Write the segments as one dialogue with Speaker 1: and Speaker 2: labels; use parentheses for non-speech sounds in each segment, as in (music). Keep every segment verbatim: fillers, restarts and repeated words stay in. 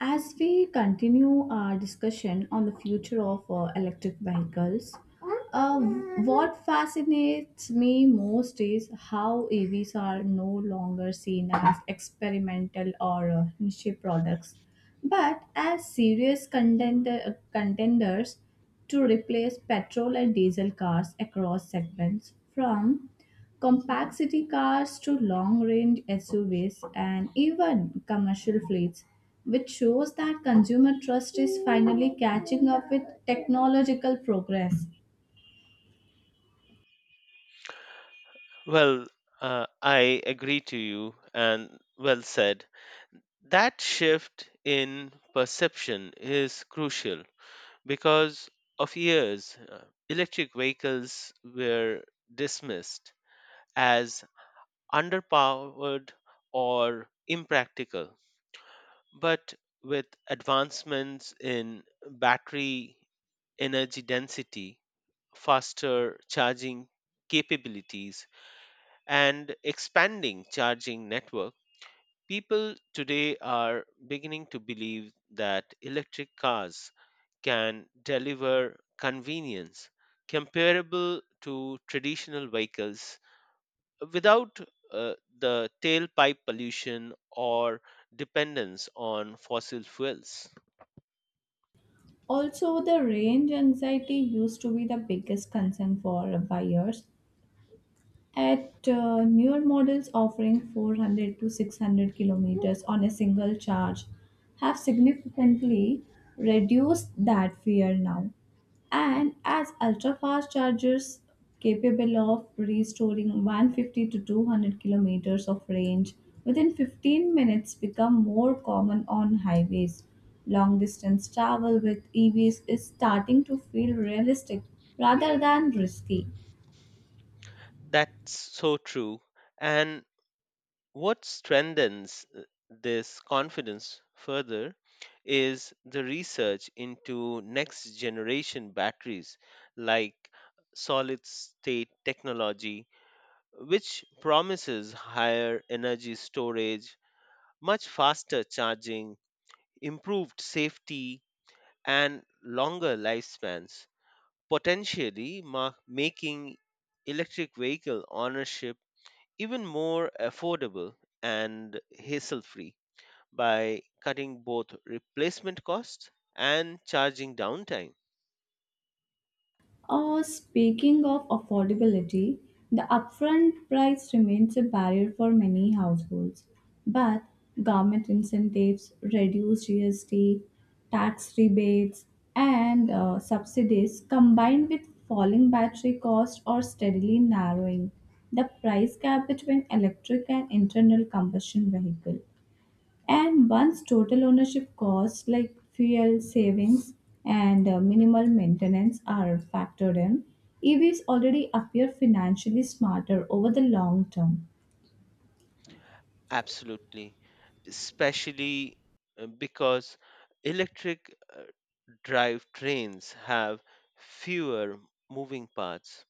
Speaker 1: As we continue our discussion on the future of uh, electric vehicles, uh, what fascinates me most is how E Vs are no longer seen as experimental or uh, niche products, but as serious contender, contenders to replace petrol and diesel cars across segments from compact city cars to long-range S U Vs and even commercial fleets, which shows that consumer trust is finally catching up with technological progress.
Speaker 2: Well, uh, I agree to you, and well said. That shift in perception is crucial because of years, uh, electric vehicles were dismissed as underpowered or impractical. But with advancements in battery energy density, faster charging capabilities, and expanding charging network, people today are beginning to believe that electric cars can deliver convenience comparable to traditional vehicles without uh, the tailpipe pollution or dependence on fossil fuels.
Speaker 1: Also, the range anxiety used to be the biggest concern for buyers. At uh, Newer models offering four hundred to six hundred kilometers on a single charge have significantly reduced that fear now. And as ultra fast chargers capable of restoring one hundred fifty to two hundred kilometers of range within fifteen minutes become more common on highways, long distance travel with E Vs is starting to feel realistic rather than risky.
Speaker 2: That's so true. And what strengthens uh, this confidence further is the research into next generation batteries like solid state technology, which promises higher energy storage, much faster charging, improved safety, and longer lifespans, potentially ma- making electric vehicle ownership even more affordable and hassle free by cutting both replacement costs and charging downtime.
Speaker 1: Uh, speaking of affordability, the upfront price remains a barrier for many households, but government incentives, reduced G S T, tax rebates, and uh, subsidies combined with falling battery costs, are steadily narrowing the price gap between electric and internal combustion vehicle. And once total ownership costs like fuel savings and uh, minimal maintenance are factored in, E Vs already appear financially smarter over the long term.
Speaker 2: Absolutely, especially uh, because electric uh, drive trains have fewer moving parts,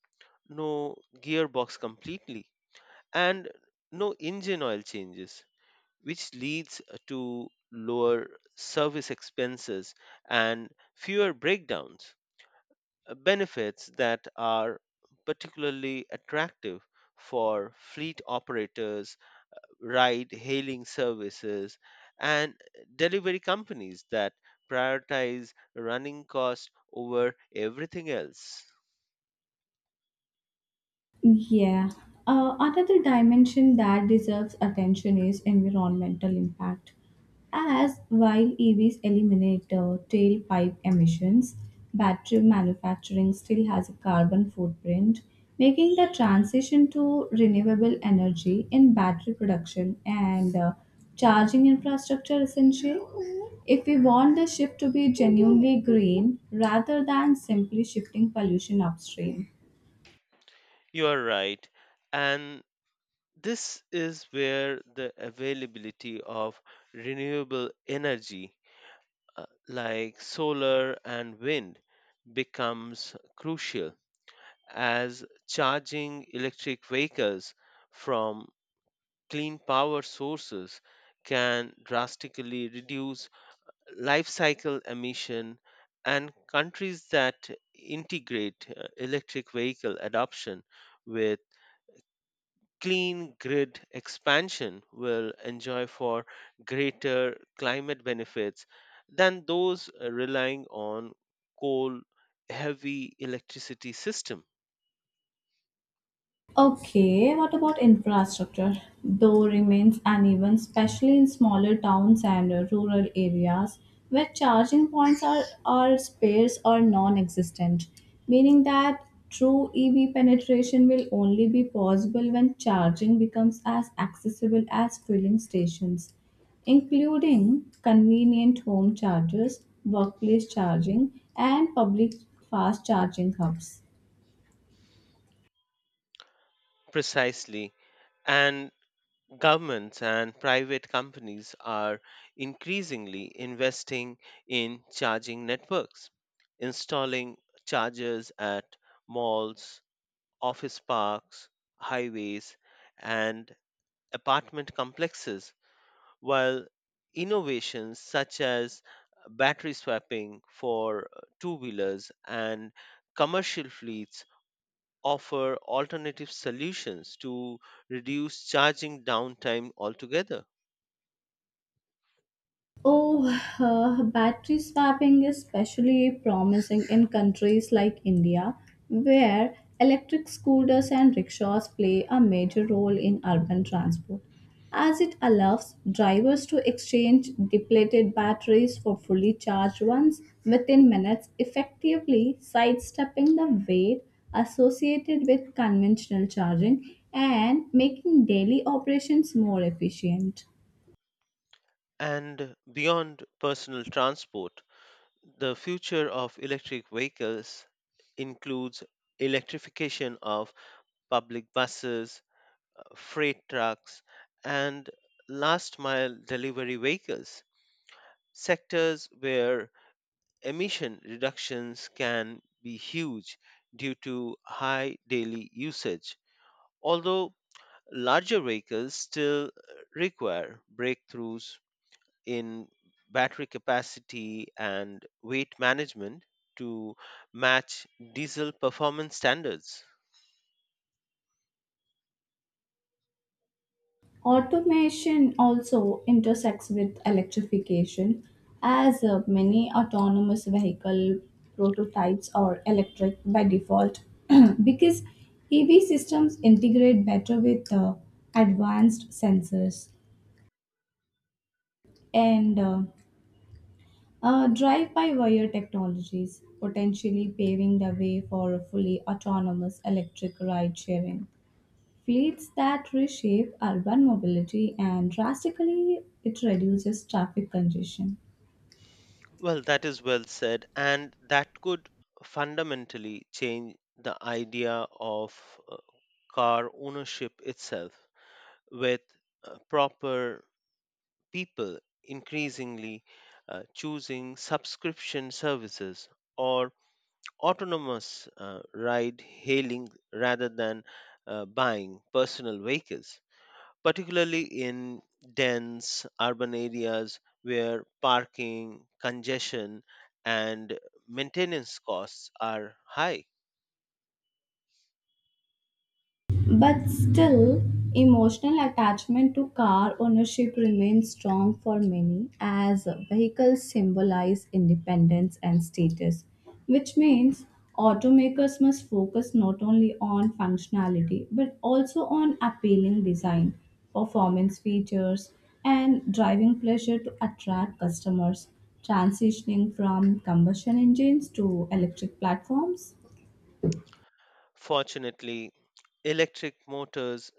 Speaker 2: no gearbox completely, and no engine oil changes, which leads uh, to lower service expenses and fewer breakdowns. Benefits that are particularly attractive for fleet operators, ride hailing services, and delivery companies that prioritize running costs over everything else.
Speaker 1: Yeah. Uh, another dimension that deserves attention is environmental impact. As while E Vs eliminate uh, tailpipe emissions, battery manufacturing still has a carbon footprint, making the transition to renewable energy in battery production and uh, charging infrastructure essential, if we want the shift to be genuinely green rather than simply shifting pollution upstream.
Speaker 2: You are right. And this is where the availability of renewable energy uh, like solar and wind becomes crucial as charging electric vehicles from clean power sources can drastically reduce life cycle emission, and countries that integrate uh, electric vehicle adoption with clean grid expansion will enjoy for greater climate benefits than those uh, relying on coal heavy electricity system.
Speaker 1: Okay, what about infrastructure? Though remains uneven, especially in smaller towns and uh, rural areas where charging points are, are sparse or non existent, meaning that true E V penetration will only be possible when charging becomes as accessible as filling stations, including convenient home chargers, workplace charging, and public fast charging hubs.
Speaker 2: Precisely. And governments and private companies are increasingly investing in charging networks, installing chargers at malls, office parks, highways, and apartment complexes, while innovations such as battery swapping for two wheelers and commercial fleets offer alternative solutions to reduce charging downtime altogether.
Speaker 1: Oh, uh, battery swapping is especially promising in countries like India, where electric scooters and rickshaws play a major role in urban transport, as it allows drivers to exchange depleted batteries for fully charged ones within minutes, effectively sidestepping the weight associated with conventional charging and making daily operations more efficient.
Speaker 2: And beyond personal transport, the future of electric vehicles includes electrification of public buses, uh, freight trucks, and last mile delivery vehicles, sectors where emission reductions can be huge due to high daily usage. Although larger vehicles still require breakthroughs in battery capacity and weight management to match diesel performance standards.
Speaker 1: Automation also intersects with electrification as uh, many autonomous vehicle prototypes are electric by default (clears throat) because E V systems integrate better with uh, advanced sensors and uh, uh, drive by wire technologies, potentially paving the way for a fully autonomous electric ride sharing fleets that reshape urban mobility and drastically it reduces traffic congestion.
Speaker 2: Well, that is well said, and that could fundamentally change the idea of uh, car ownership itself, with uh, proper people increasingly uh, choosing subscription services or autonomous uh, ride hailing rather than uh, buying personal vehicles, particularly in dense urban areas where parking, congestion, and maintenance costs are high.
Speaker 1: But still, emotional attachment to car ownership remains strong for many as vehicles symbolize independence and status, which means automakers must focus not only on functionality but also on appealing design, performance features, and driving pleasure to attract customers, transitioning from combustion engines to electric platforms.
Speaker 2: Fortunately, electric motors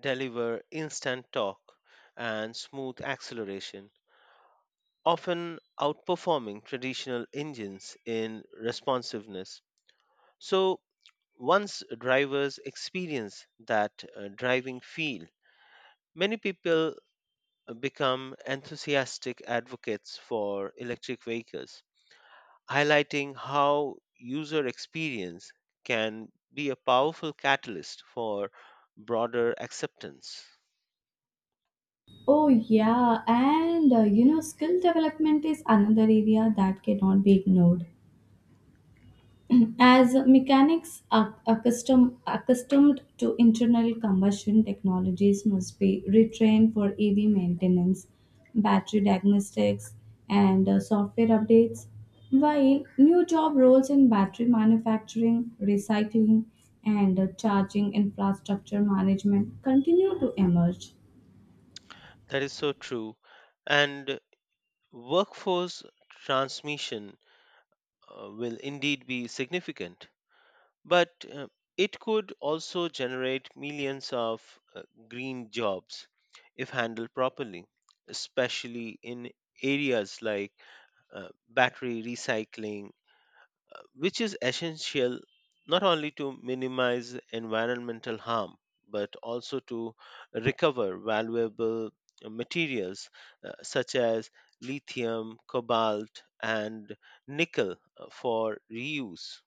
Speaker 2: deliver instant torque and smooth acceleration, often outperforming traditional engines in responsiveness. So, once drivers experience that uh, driving feel, many people uh, become enthusiastic advocates for electric vehicles, highlighting how user experience can be a powerful catalyst for broader acceptance.
Speaker 1: Oh, yeah, and uh, you know, skill development is another area that cannot be ignored. As mechanics are accustom, accustomed to internal combustion technologies, must be retrained for E V maintenance, battery diagnostics, and uh, software updates, while new job roles in battery manufacturing, recycling, and uh, charging infrastructure management continue to emerge.
Speaker 2: That is so true. And workforce transmission uh, will indeed be significant. But uh, it could also generate millions of uh, green jobs if handled properly, especially in areas like uh, battery recycling, uh, which is essential not only to minimize environmental harm but also to recover valuable uh, materials uh, such as lithium, cobalt, and nickel uh, for reuse.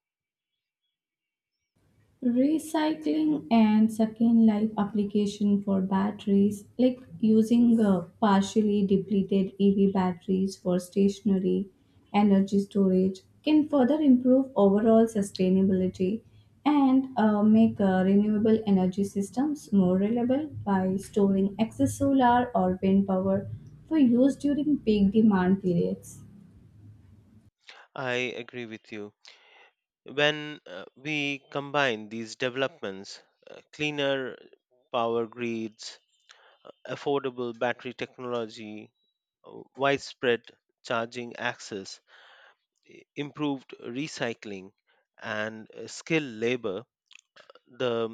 Speaker 1: Recycling and second life application for batteries, like using uh, partially depleted E V batteries for stationary energy storage, can further improve overall sustainability and uh, make uh, renewable energy systems more reliable by storing excess solar or wind power for use during peak demand periods.
Speaker 2: I agree with you. When uh, we combine these developments, uh, cleaner power grids, affordable battery technology, uh, widespread charging access, i- improved recycling, and uh, skilled labor, the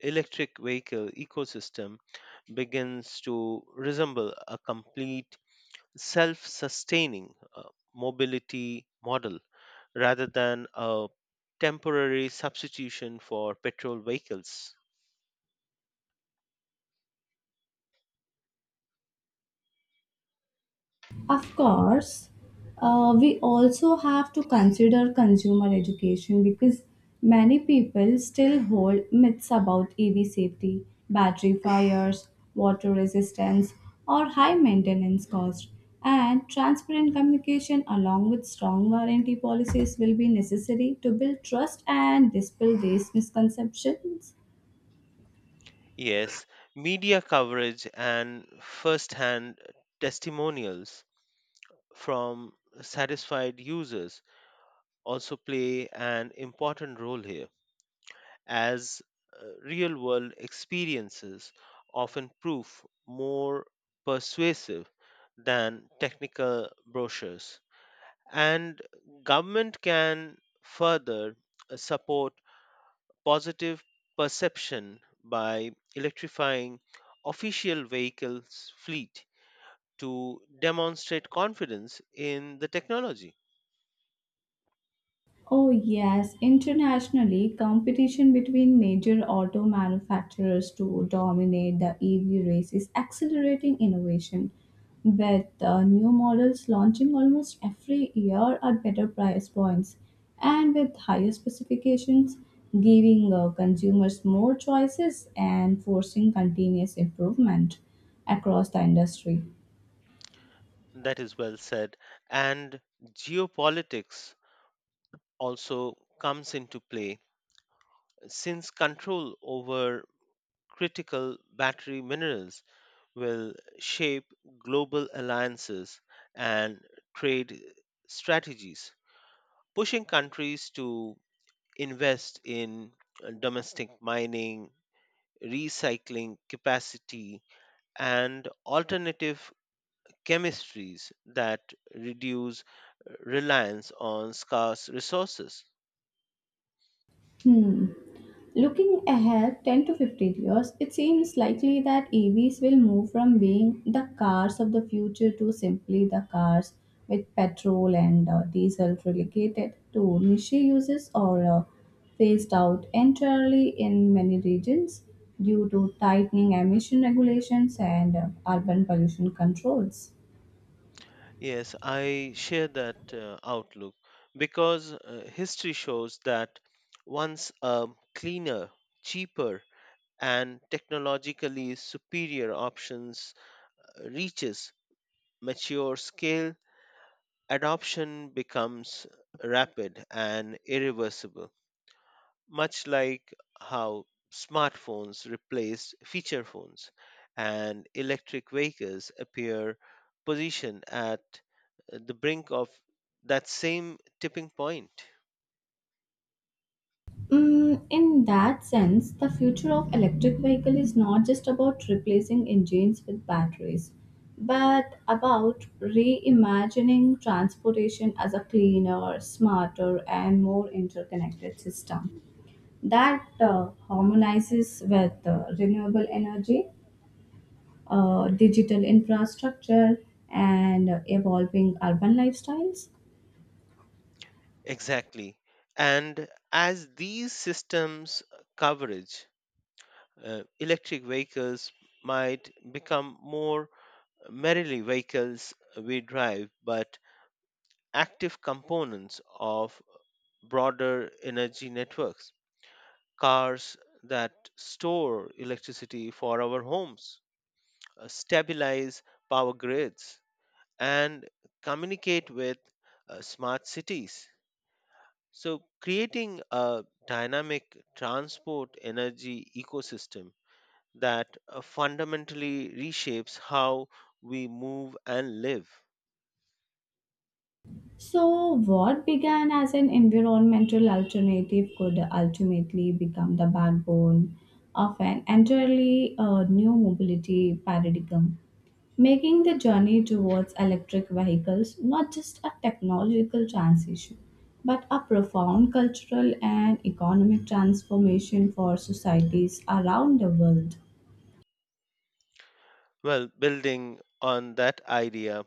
Speaker 2: electric vehicle ecosystem begins to resemble a complete self sustaining mobility model rather than a temporary substitution for petrol vehicles.
Speaker 1: Of course, uh, we also have to consider consumer education because many people still hold myths about E V safety, battery fires, water resistance, or high maintenance cost. And transparent communication along with strong warranty policies will be necessary to build trust and dispel these misconceptions.
Speaker 2: Yes, media coverage and first hand testimonials from satisfied users also play an important role here, as real world experiences often prove more persuasive than technical brochures. And government can further uh, support positive perception by electrifying official vehicles fleet to demonstrate confidence in the technology.
Speaker 1: Oh, yes. Internationally, competition between major auto manufacturers to dominate the E V race is accelerating innovation, with uh, new models launching almost every year at better price points and with higher specifications, giving uh, consumers more choices and forcing continuous improvement across the industry.
Speaker 2: That is well said. And geopolitics also comes into play since control over critical battery minerals will shape global alliances and trade strategies, pushing countries to invest in uh, domestic mining, recycling capacity, and alternative chemistries that reduce uh, reliance on scarce resources.
Speaker 1: Hmm. Looking ahead ten to fifteen years, it seems likely that E Vs will move from being the cars of the future to simply the cars, with petrol and uh, diesel relegated to niche uses or uh, phased out entirely in many regions due to tightening emission regulations and uh, urban pollution controls.
Speaker 2: Yes, I share that uh, outlook because uh, history shows that once a cleaner, cheaper, and technologically superior options uh, reaches mature scale, adoption becomes rapid and irreversible, much like how smartphones replaced feature phones, and electric vehicles appear positioned at uh, the brink of that same tipping point.
Speaker 1: Mm, in that sense, the future of electric vehicle is not just about replacing engines with batteries, but about reimagining transportation as a cleaner, smarter, and more interconnected system that uh, harmonizes with uh, renewable energy, uh, digital infrastructure, and evolving urban lifestyles.
Speaker 2: Exactly. And as these systems coverage, uh, electric vehicles might become more merely vehicles we drive, but active components of broader energy networks, cars that store electricity for our homes, uh, stabilize power grids, and communicate with uh, smart cities. So, creating a dynamic transport energy ecosystem that uh, fundamentally reshapes how we move and live.
Speaker 1: So, what began as an environmental alternative could ultimately become the backbone of an entirely uh, new mobility paradigm, making the journey towards electric vehicles not just a technological transition, but a profound cultural and economic transformation for societies around the world.
Speaker 2: Well, building on that idea,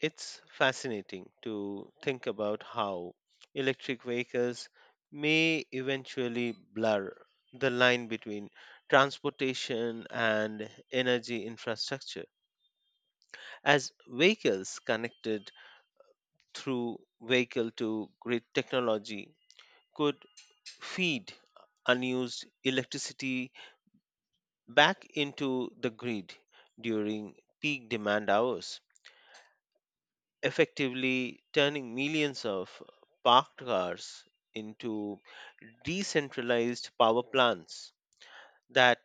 Speaker 2: it's fascinating to think about how electric vehicles may eventually blur the line between transportation and energy infrastructure. As vehicles connected through vehicle to grid technology could feed unused electricity back into the grid during peak demand hours, effectively turning millions of parked cars into decentralized power plants that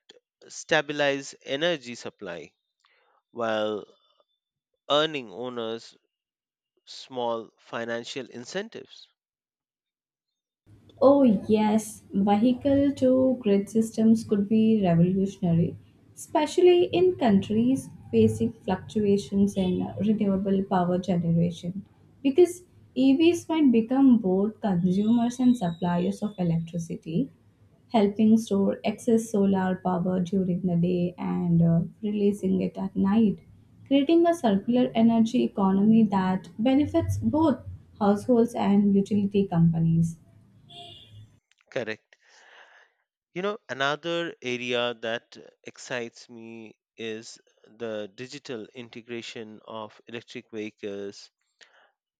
Speaker 2: stabilize energy supply while earning owners small financial incentives.
Speaker 1: Oh, yes, vehicle to grid systems could be revolutionary, especially in countries facing fluctuations in renewable power generation, because E Vs might become both consumers and suppliers of electricity, helping store excess solar power during the day and uh, releasing it at night, creating a circular energy economy that benefits both households and utility companies.
Speaker 2: Correct. You know, another area that excites me is the digital integration of electric vehicles,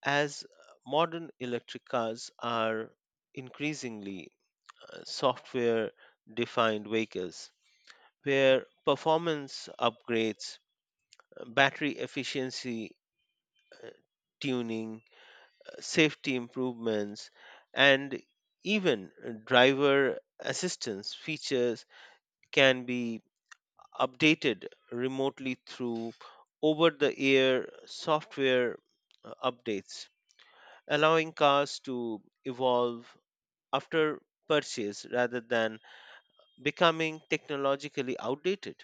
Speaker 2: as modern electric cars are increasingly uh, software defined vehicles where performance upgrades, uh, battery efficiency tuning, uh, safety improvements, and even uh, driver assistance features can be updated remotely through over the air software uh, updates, allowing cars to evolve after purchase rather than becoming technologically outdated.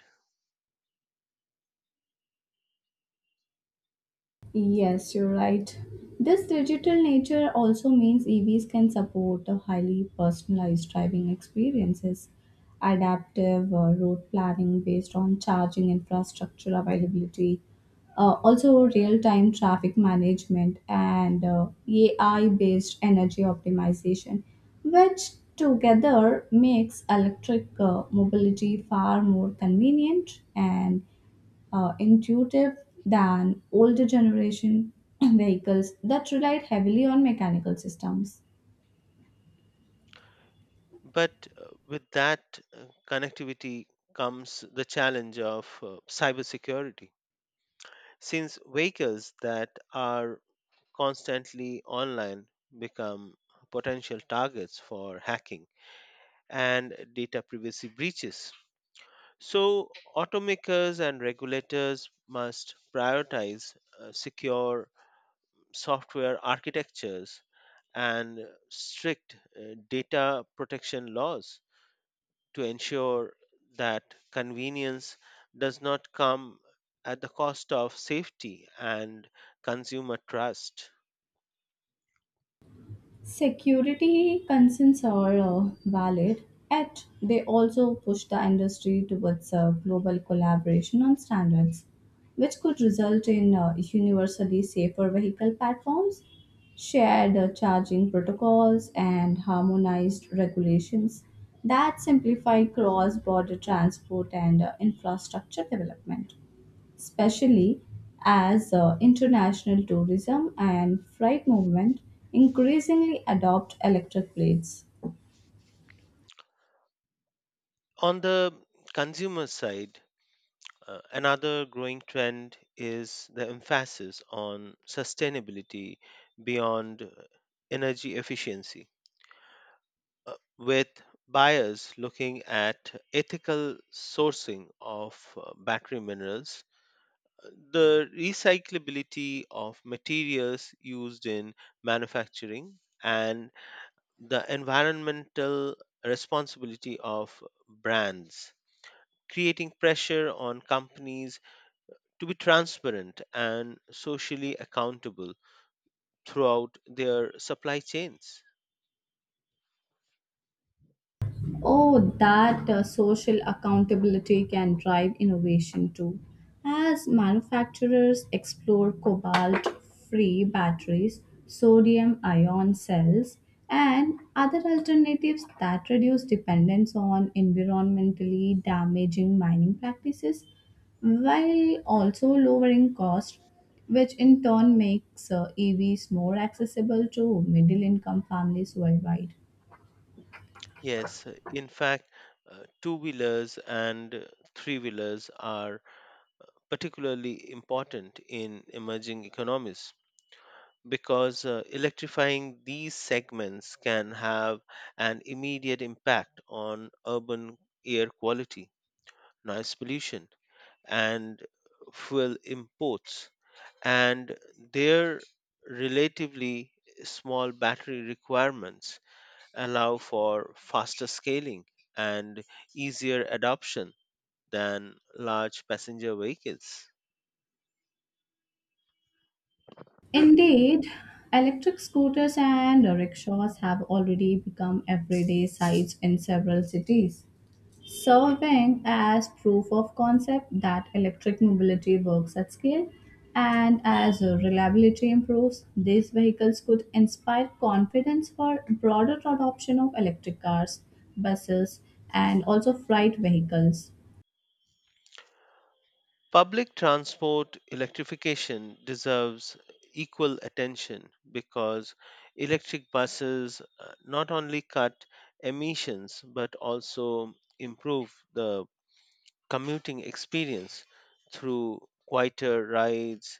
Speaker 1: Yes, you're right. This digital nature also means E Vs can support a highly personalized driving experiences, adaptive uh, road planning based on charging infrastructure availability, uh, also real-time traffic management and uh, A I-based energy optimization, which together makes electric uh, mobility far more convenient and uh, intuitive than older generation (clears throat) vehicles that relied heavily on mechanical systems.
Speaker 2: But uh, with that uh, connectivity comes the challenge of uh, cybersecurity. Since vehicles that are constantly online become potential targets for hacking and data privacy breaches. So, automakers and regulators must prioritize uh, secure software architectures and strict uh, data protection laws to ensure that convenience does not come at the cost of safety and consumer trust.
Speaker 1: Security concerns are uh, valid, yet they also push the industry towards uh, global collaboration on standards, which could result in uh, universally safer vehicle platforms, shared uh, charging protocols, and harmonized regulations that simplify cross border transport and uh, infrastructure development, especially as uh, international tourism and freight movement increasingly adopt electric planes.
Speaker 2: On the consumer side, uh, another growing trend is the emphasis on sustainability beyond uh, energy efficiency, uh, with buyers looking at ethical sourcing of uh, battery minerals, the recyclability of materials used in manufacturing, and the environmental responsibility of brands, creating pressure on companies to be transparent and socially accountable throughout their supply chains.
Speaker 1: Oh, that uh, social accountability can drive innovation too, as manufacturers explore cobalt free batteries, sodium ion cells, and other alternatives that reduce dependence on environmentally damaging mining practices while also lowering costs, which in turn makes uh, E Vs more accessible to middle income families worldwide.
Speaker 2: Yes, in fact, uh, two wheelers and three wheelers are particularly important in emerging economies because uh, electrifying these segments can have an immediate impact on urban air quality, noise pollution, and fuel imports. And their relatively small battery requirements allow for faster scaling and easier adoption than large passenger vehicles.
Speaker 1: Indeed, electric scooters and rickshaws have already become everyday sights in several cities, serving as proof of concept that electric mobility works at scale. And as reliability improves, these vehicles could inspire confidence for broader adoption of electric cars, buses, and also freight vehicles.
Speaker 2: Public transport electrification deserves equal attention because electric buses uh, not only cut emissions but also improve the commuting experience through quieter rides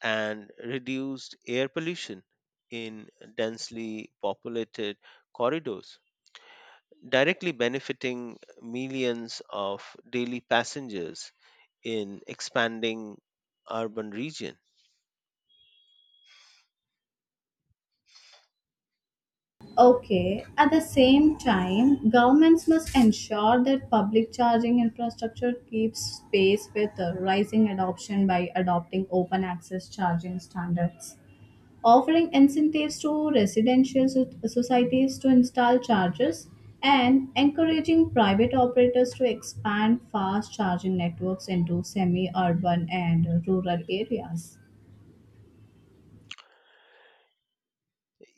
Speaker 2: and reduced air pollution in densely populated corridors, directly benefiting millions of daily passengers in expanding urban region.
Speaker 1: Okay. At the same time, governments must ensure that public charging infrastructure keeps pace with the rising adoption by adopting open access charging standards, offering incentives to residential so- societies to install chargers, and encouraging private operators to expand fast charging networks into semi urban and rural areas.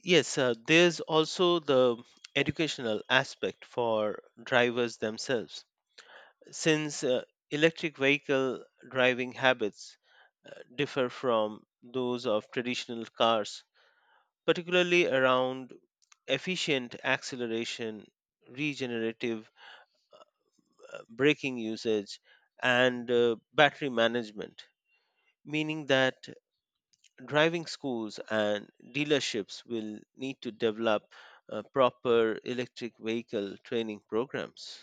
Speaker 2: Yes, uh, there's also the educational aspect for drivers themselves, since uh, electric vehicle driving habits uh, differ from those of traditional cars, particularly around efficient acceleration, regenerative uh, braking usage, and uh, battery management, meaning that driving schools and dealerships will need to develop uh, proper electric vehicle training programs.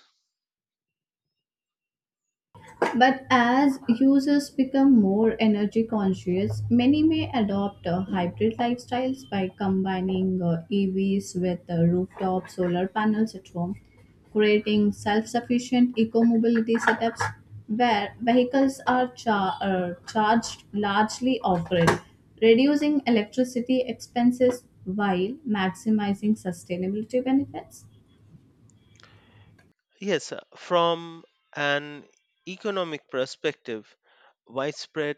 Speaker 1: But as users become more energy conscious, many may adopt uh, hybrid lifestyles by combining uh, E Vs with uh, rooftop solar panels at home, creating self sufficient eco mobility setups where vehicles are char- uh, charged largely off grid, reducing electricity expenses while maximizing sustainability benefits.
Speaker 2: Yes, uh, from an economic perspective, widespread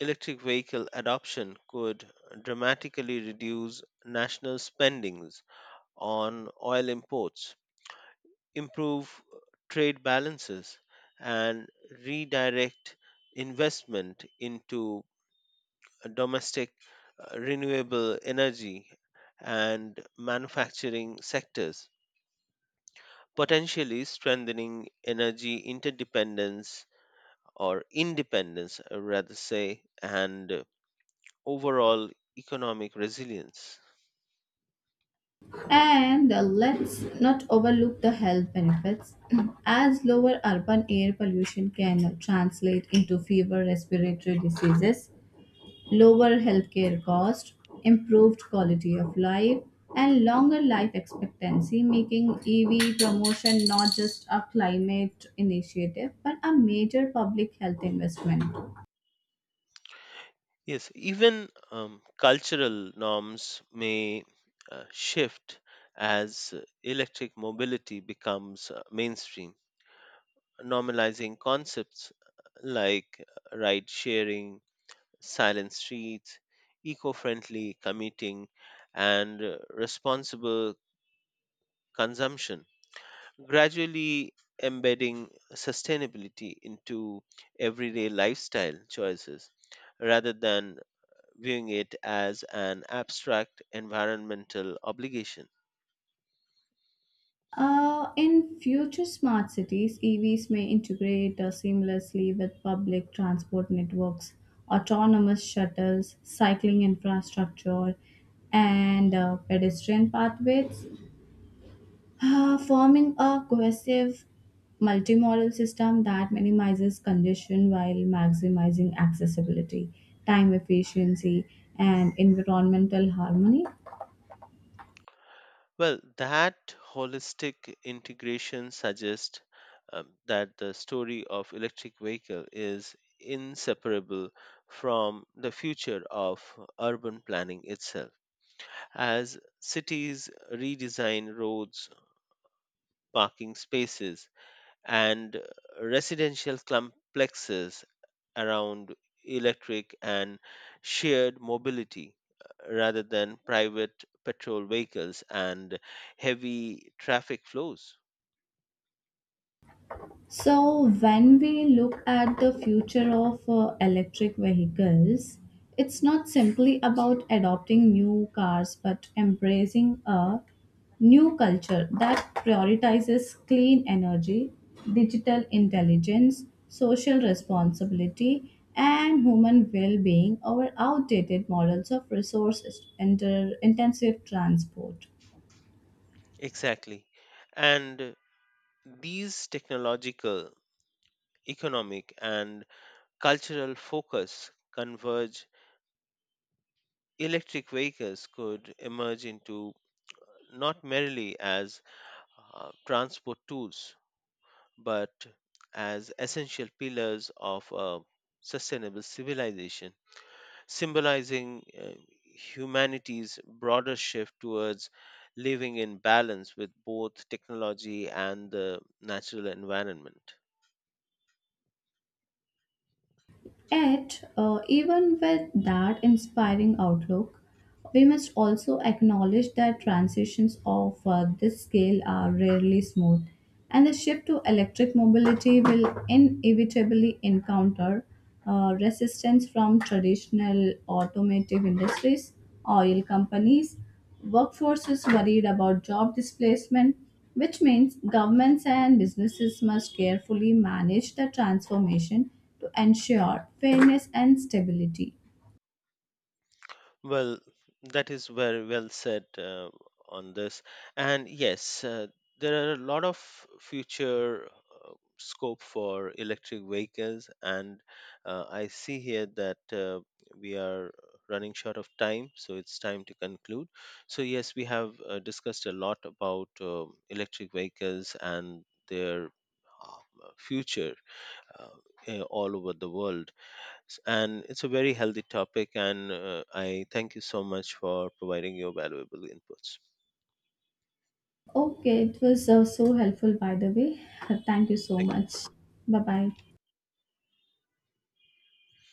Speaker 2: electric vehicle adoption could dramatically reduce national spendings on oil imports, improve uh, trade balances, and redirect investment into uh, domestic uh, renewable energy and manufacturing sectors, potentially strengthening energy interdependence or independence, uh, rather say, and uh, overall economic resilience.
Speaker 1: And uh, let's not overlook the health benefits, (clears throat) as lower urban air pollution can translate into fewer respiratory diseases, lower healthcare costs, improved quality of life, and longer life expectancy, making E V promotion not just a climate initiative but a major public health investment.
Speaker 2: Yes, even um, cultural norms may uh, shift as uh, electric mobility becomes uh, mainstream, normalizing concepts like uh, like ride sharing, silent streets, eco friendly commuting, and uh, responsible consumption, gradually embedding sustainability into everyday lifestyle choices rather than viewing it as an abstract environmental obligation.
Speaker 1: Uh, in future smart cities, E Vs may integrate uh, seamlessly with public transport networks, autonomous shuttles, cycling infrastructure, and uh, pedestrian pathways, uh, forming a cohesive multimodal system that minimizes congestion while maximizing accessibility, time efficiency, and environmental harmony.
Speaker 2: Well, that holistic integration suggests um, that the story of electric vehicle is inseparable from the future of urban planning itself, as cities redesign roads, parking spaces, and residential complexes around electric and shared mobility, uh, rather than private petrol vehicles and heavy traffic flows.
Speaker 1: So, when we look at the future of uh, electric vehicles, it's not simply about adopting new cars but embracing a new culture that prioritizes clean energy, digital intelligence, social responsibility, and human well being over outdated models of resource inter- intensive transport.
Speaker 2: Exactly. And these technological, economic, and cultural focus converge, electric vehicles could emerge into not merely as uh, transport tools, but as essential pillars of a sustainable civilization, symbolizing uh, humanity's broader shift towards living in balance with both technology and the natural environment.
Speaker 1: Yet, uh, even with that inspiring outlook, we must also acknowledge that transitions of uh, this scale are rarely smooth, and the shift to electric mobility will inevitably encounter uh, resistance from traditional automotive industries, oil companies, workforce is worried about job displacement, which means governments and businesses must carefully manage the transformation to ensure fairness and stability.
Speaker 2: Well, that is very well said uh, on this. And yes, uh, there are a lot of future uh, scope for electric vehicles. And uh, I see here that uh, we are running short of time, so it's time to conclude. So, yes, we have uh, discussed a lot about uh, electric vehicles and their uh, future uh, eh, all over the world, and it's a very healthy topic, and uh, I thank you so much for providing your valuable inputs.
Speaker 1: Okay, it was uh, so helpful by the way. (laughs) Thank you so
Speaker 2: Thank
Speaker 1: much.
Speaker 2: you.
Speaker 1: Bye bye.